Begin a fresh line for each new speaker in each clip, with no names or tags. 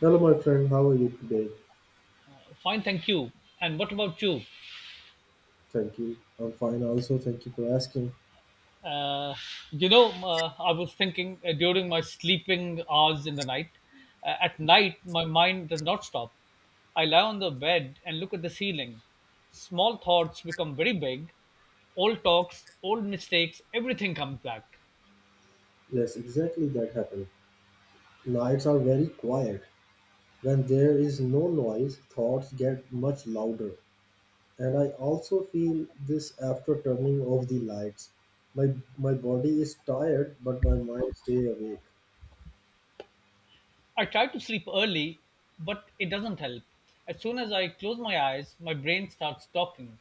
Hello, my friend. How are you today?
Fine, thank you. And what about you?
Thank you. I'm fine, also. Thank you for asking.
Uh, I was thinking during my sleeping hours in the night, at night, my mind does not stop. I lie on the bed and look at the ceiling. Small thoughts become very big. Old talks, old mistakes, everything comes back.
Yes, exactly that happened. Nights are very quiet. When there is no noise, thoughts get much louder. And I also feel this after turning off the lights. My body is tired, but my mind stays awake.
I try to sleep early, but it doesn't help. As soon as I close my eyes, my brain starts talking.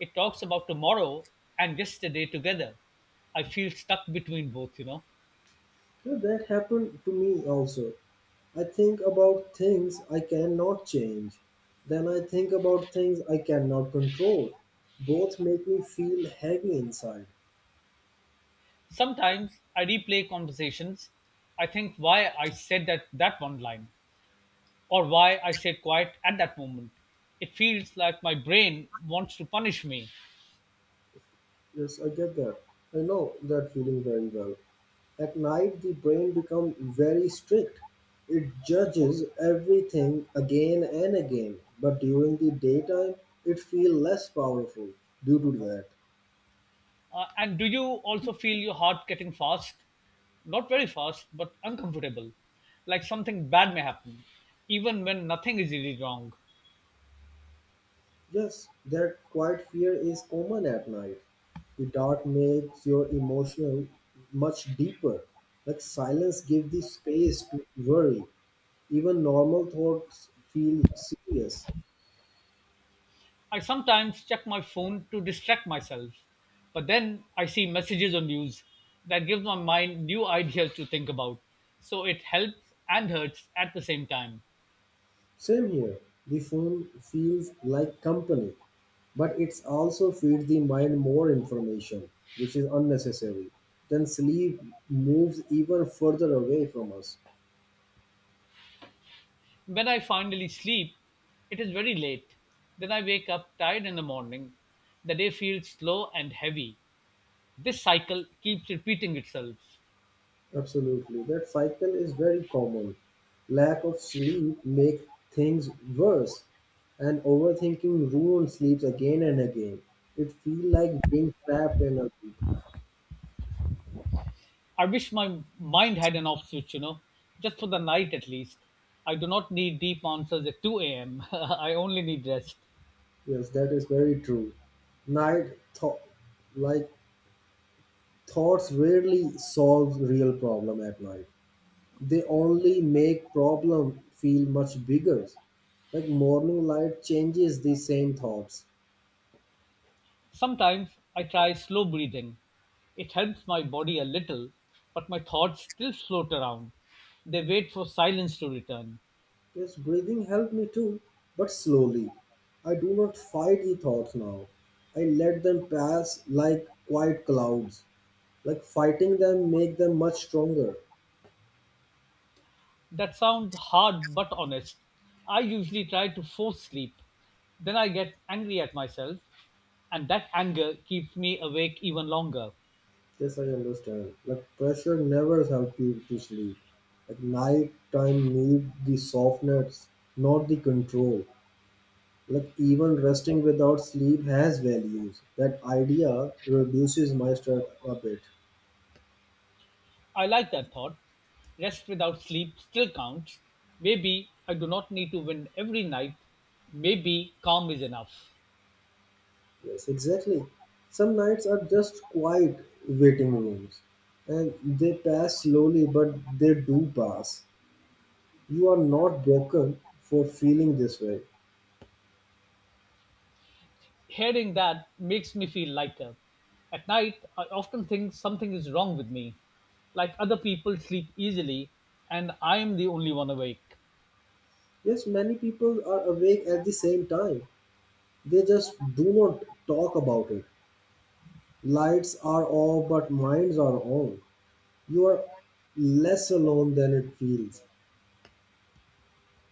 It talks about tomorrow and yesterday together. I feel stuck between both.
Yeah, that happened to me also. I think about things I cannot change. Then I think about things I cannot control. Both make me feel heavy inside.
Sometimes I replay conversations. I think why I said that one line or why I stayed quiet at that moment. It feels like my brain wants to punish me.
Yes, I get that. I know that feeling very well. At night, the brain becomes very strict. It judges everything again and again. But during the daytime, it feels less powerful due to that.
And do you also feel your heart getting fast? Not very fast, but uncomfortable, like something bad may happen, even when nothing is really wrong.
Yes, that quiet fear is common at night. The dark makes your emotional much deeper. Like silence gives the space to worry. Even normal thoughts feel serious.
I sometimes check my phone to distract myself, but then I see messages on news that gives my mind new ideas to think about. So it helps and hurts at the same time.
Same here. The phone feels like company, but it's also feeds the mind more information, which is unnecessary. Then sleep moves even further away from us.
When I finally sleep, it is very late. Then I wake up tired in the morning. The day feels slow and heavy. This cycle keeps repeating itself.
Absolutely. That cycle is very common. Lack of sleep make things worse and overthinking ruins sleeps again and again. It feels like being trapped in a loop.
I wish my mind had an off switch, just for the night at least. I do not need deep answers at 2 a.m. I only need rest.
Yes, that is very true. Night thought like thoughts rarely solve real problem at night. They only make problem feel much bigger. Like morning light changes the same thoughts.
Sometimes I try slow breathing. It helps my body a little, but my thoughts still float around. They wait for silence to return.
Yes, breathing helped me too, but slowly. I do not fight the thoughts now. I let them pass like quiet clouds. Like fighting them make them much stronger.
That sounds hard but honest. I usually try to force sleep. Then I get angry at myself, and that anger keeps me awake even longer.
Yes, I understand. Like pressure never helps you to sleep. Like night time need the softness, not the control. Like even resting without sleep has values. That idea reduces my stress a bit.
I like that thought. Rest without sleep still counts. Maybe I do not need to win every night. Maybe calm is enough.
Yes, exactly. Some nights are just quiet waiting rooms and they pass slowly, but they do pass. You are not broken for feeling this way.
Hearing that makes me feel lighter. At night, I often think something is wrong with me. Like other people sleep easily, and I am the only one awake.
Yes, many people are awake at the same time. They just do not talk about it. Lights are off, but minds are on. You are less alone than it feels.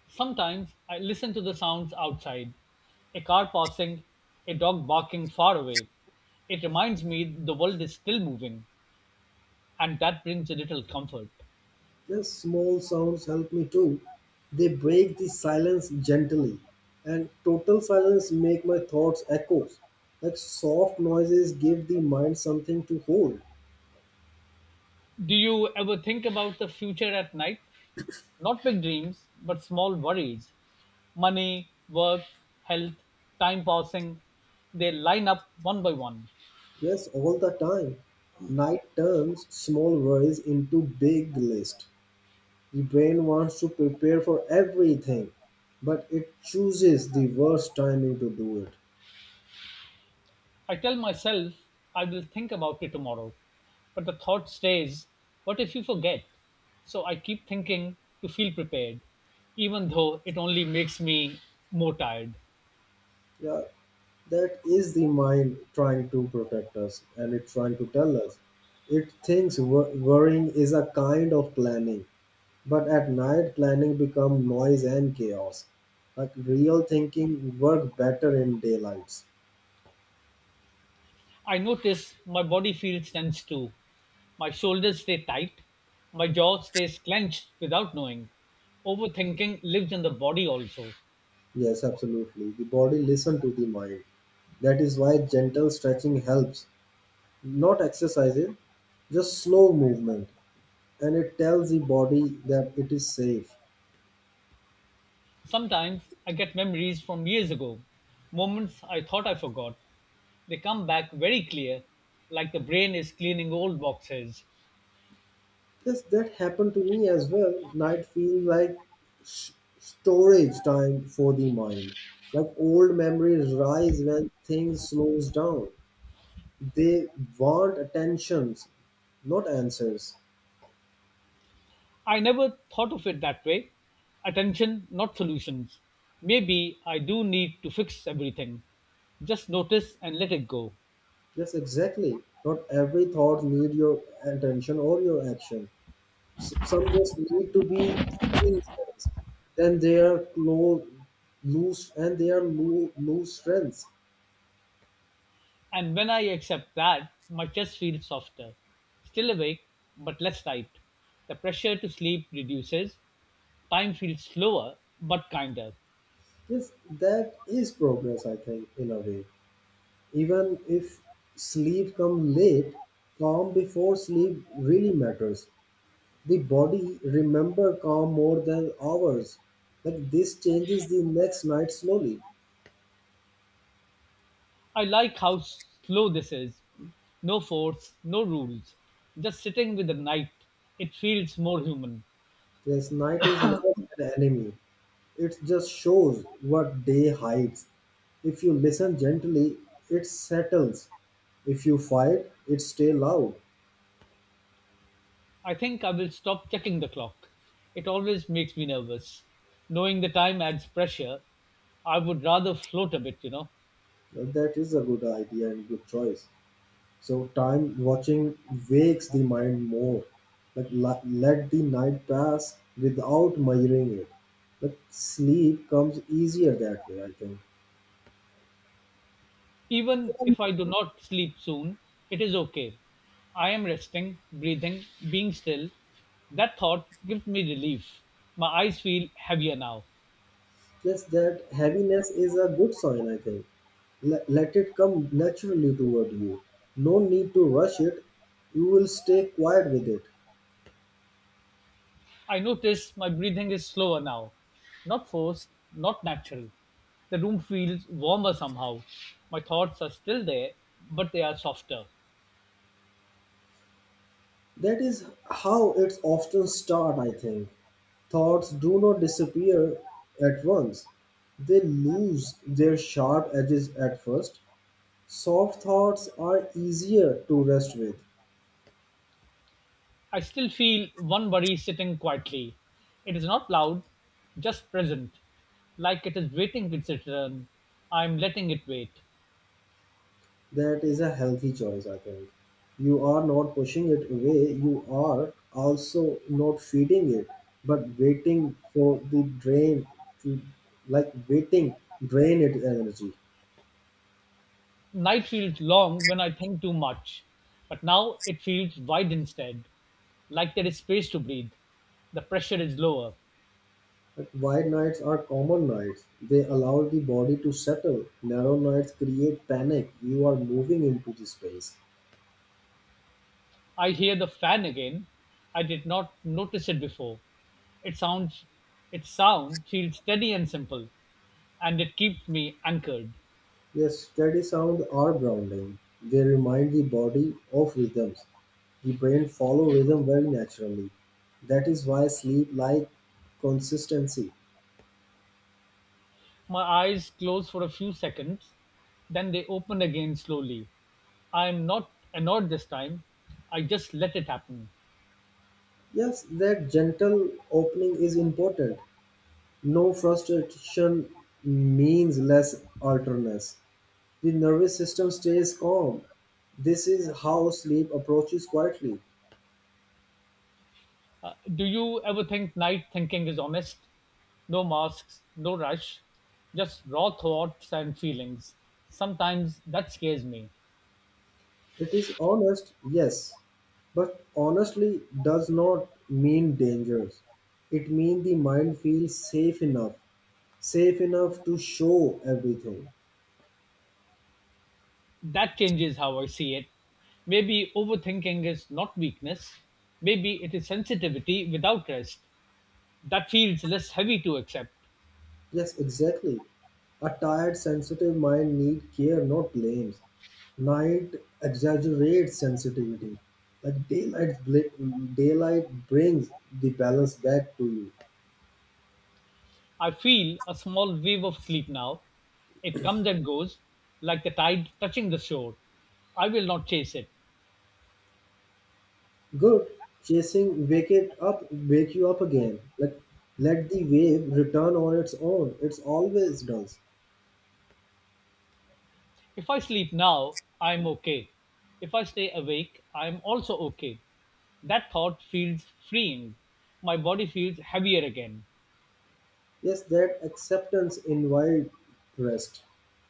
Sometimes I listen to the sounds outside, a car passing, a dog barking far away. It reminds me the world is still moving, and that brings a little comfort.
Yes, small sounds help me too. They break the silence gently, and total silence make my thoughts echoes. Like soft noises give the mind something to hold.
Do you ever think about the future at night? Not big dreams, but small worries. Money, work, health, time passing, they line up one by one.
Yes, all the time. Night turns small worries into big list. The brain wants to prepare for everything, but it chooses the worst timing to do it.
I tell myself I will think about it tomorrow, but the thought stays, what if you forget? So I keep thinking to feel prepared, even though it only makes me more tired.
Yeah, that is the mind trying to protect us and it's trying to tell us. It thinks worrying is a kind of planning, but at night planning become noise and chaos. Like real thinking work better in daylights.
I notice my body feels tense too. My shoulders stay tight. My jaw stays clenched without knowing. Overthinking lives in the body also.
Yes, absolutely. The body listen to the mind. That is why gentle stretching helps. Not exercises, just slow movement and it tells the body that it is safe.
Sometimes I get memories from years ago, moments I thought I forgot. They come back very clear, like the brain is cleaning old boxes.
Yes, that happened to me as well. Night feels like s- storage time for the mind. Like old memories rise when things slows down. They want attentions, not answers.
I never thought of it that way. Attention, not solutions. Maybe I do need to fix everything. Just notice and let it go.
Yes, exactly. Not every thought need your attention or your action. Some just need to be seen first. Then they are close, loose, and they are loose, loose strengths.
And when I accept that, my chest feels softer. Still awake, but less tight. The pressure to sleep reduces. Time feels slower, but kinder.
Yes, that is progress, I think, in a way. Even if sleep comes late, calm before sleep really matters. The body remember calm more than hours. Like this changes the next night slowly.
I like how slow this is. No force, no rules. Just sitting with the night. It feels more human.
This night is not an enemy. It just shows what day hides. If you listen gently, it settles. If you fight, it stay loud.
I think I will stop checking the clock. It always makes me nervous. Knowing the time adds pressure. I would rather float a bit.
That is a good idea and good choice. So time watching wakes the mind more. Like let the night pass without measuring it. Like sleep comes easier that way, I think.
Even if I do not sleep soon, it is okay. I am resting, breathing, being still. That thought gives me relief. My eyes feel heavier now.
Just that heaviness is a good sign, I think. Let it come naturally toward you. No need to rush it. You will stay quiet with it.
I notice my breathing is slower now. Not forced, not natural. The room feels warmer somehow. My thoughts are still there, but they are softer.
That is how it's often start, I think. Thoughts do not disappear at once. They lose their sharp edges at first. Soft thoughts are easier to rest with.
I still feel one worry sitting quietly. It is not loud, just present, like it is waiting its return. I am letting it wait.
That is a healthy choice, I think. You are not pushing it away, you are also not feeding it, but waiting for the drain to, like waiting drain its energy.
Night feels long when I think too much, but now it feels wide instead, like there is space to breathe. The pressure is lower.
Like wide nights are common nights. They allow the body to settle. Narrow nights create panic. You are moving into the space.
I hear the fan again. I did not notice it before. It sounds Its sound feels steady and simple, and it keeps me anchored.
Yes, steady sounds are grounding. They remind the body of rhythms. The brain follow rhythm very naturally. That is why sleep like consistency.
My eyes close for a few seconds, then they open again slowly. I am not annoyed this time. I just let it happen.
Yes, that gentle opening is important. No frustration means less alertness. The nervous system stays calm. This is how sleep approaches quietly.
Do you ever think night thinking is honest? No masks, no rush, just raw thoughts and feelings. Sometimes that scares me.
It is honest, yes, but honestly does not mean dangerous. It means the mind feels safe enough to show everything.
That changes how I see it. Maybe overthinking is not weakness. Maybe it is sensitivity without rest. That feels less heavy to accept.
Yes, exactly. A tired, sensitive mind needs care, not blames. Night exaggerates sensitivity. Like daylight, daylight brings the balance back to you.
I feel a small wave of sleep now. It comes and goes, like the tide touching the shore. I will not chase it.
Good. Chasing wake it up, wake you up again. Like let the wave return on its own. It's always does.
If I sleep now, I'm okay. If I stay awake, I'm also okay. That thought feels freeing. My body feels heavier again.
Yes, that acceptance invite rest.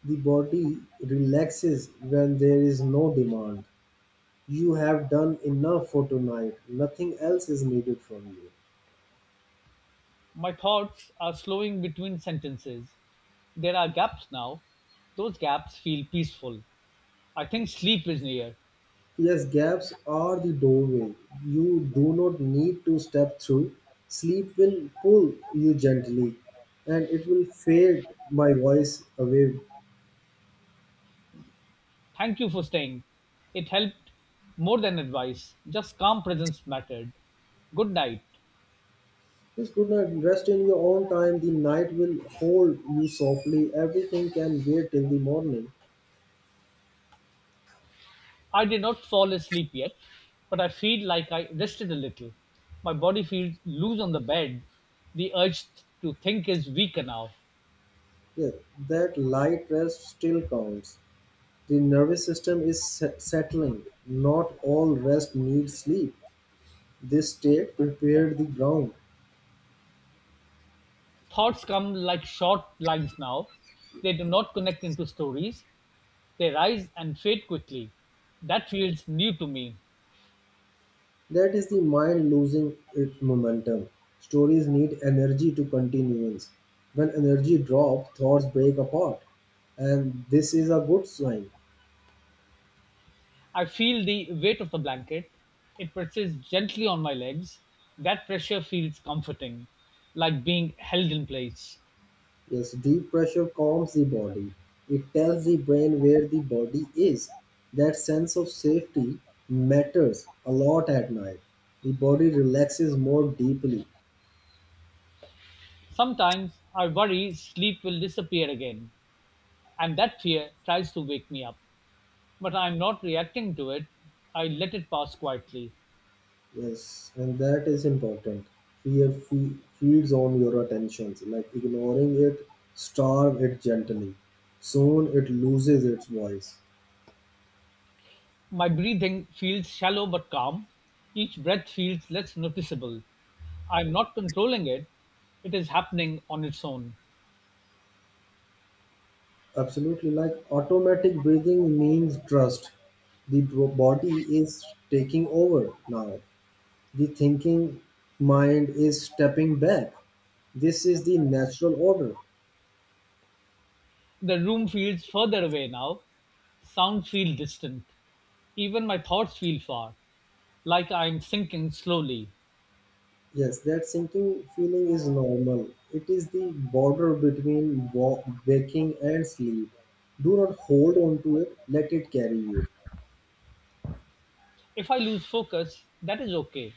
The body relaxes when there is no demand. You have done enough for tonight. Nothing else is needed from you.
My thoughts are slowing between sentences. There are gaps now. Those gaps feel peaceful. I think sleep is near.
Yes, gaps are the doorway. You do not need to step through. Sleep will pull you gently and it will fade my voice away.
Thank you for staying. It helped more than advice. Just calm presence mattered. Good night.
Yes, good night. Rest in your own time. The night will hold you softly. Everything can wait till the morning.
I did not fall asleep yet, but I feel like I rested a little. My body feels loose on the bed. The urge to think is weaker now.
Yes, that light rest still counts. The nervous system is settling. Not all rest needs sleep. This state prepared the ground.
Thoughts come like short lines now. They do not connect into stories. They rise and fade quickly. That feels new to me.
That is the mind losing its momentum. Stories need energy to continuance. When energy drops, thoughts break apart. And this is a good sign.
I feel the weight of the blanket. It presses gently on my legs. That pressure feels comforting, like being held in place.
Yes, deep pressure calms the body. It tells the brain where the body is. That sense of safety matters a lot at night. The body relaxes more deeply.
Sometimes I worry sleep will disappear again. And that fear tries to wake me up, but I am not reacting to it. I let it pass quietly.
Yes, and that is important. Fear feeds on your attentions. Like ignoring it, starve it gently. Soon it loses its voice.
My breathing feels shallow but calm. Each breath feels less noticeable. I am not controlling it, it is happening on its own.
Absolutely. Like automatic breathing means trust. The body is taking over now. The thinking mind is stepping back. This is the natural order.
The room feels further away now. Sound feels distant. Even my thoughts feel far, like I am sinking slowly.
Yes, that sinking feeling is normal. It is the border between waking and sleep. Do not hold on to it, let it carry you.
If I lose focus, that is okay.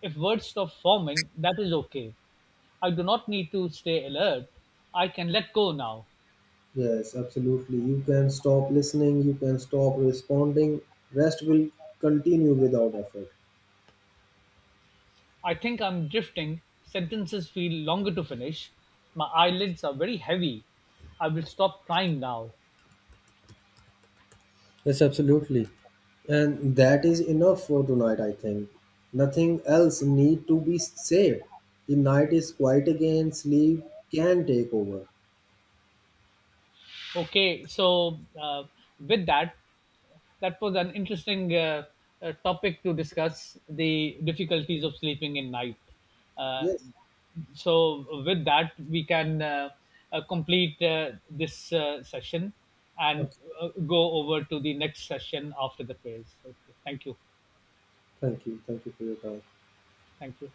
If words stop forming, that is okay. I do not need to stay alert. I can let go now.
Yes, absolutely. You can stop listening, you can stop responding. Rest will continue without effort.
I think I'm drifting. Sentences feel longer to finish. My eyelids are very heavy. I will stop trying now.
Yes, absolutely. And that is enough for tonight, I think. Nothing else need to be said. The night is quiet again, sleep can take over.
Okay, with that, that was an interesting topic to discuss the difficulties of sleeping in night. Uh,
Yes.
so, with that, we can complete this session and
Okay.
go over to the next session after the prayers. Okay, thank you.
Thank you. Thank you for your time.
Thank you.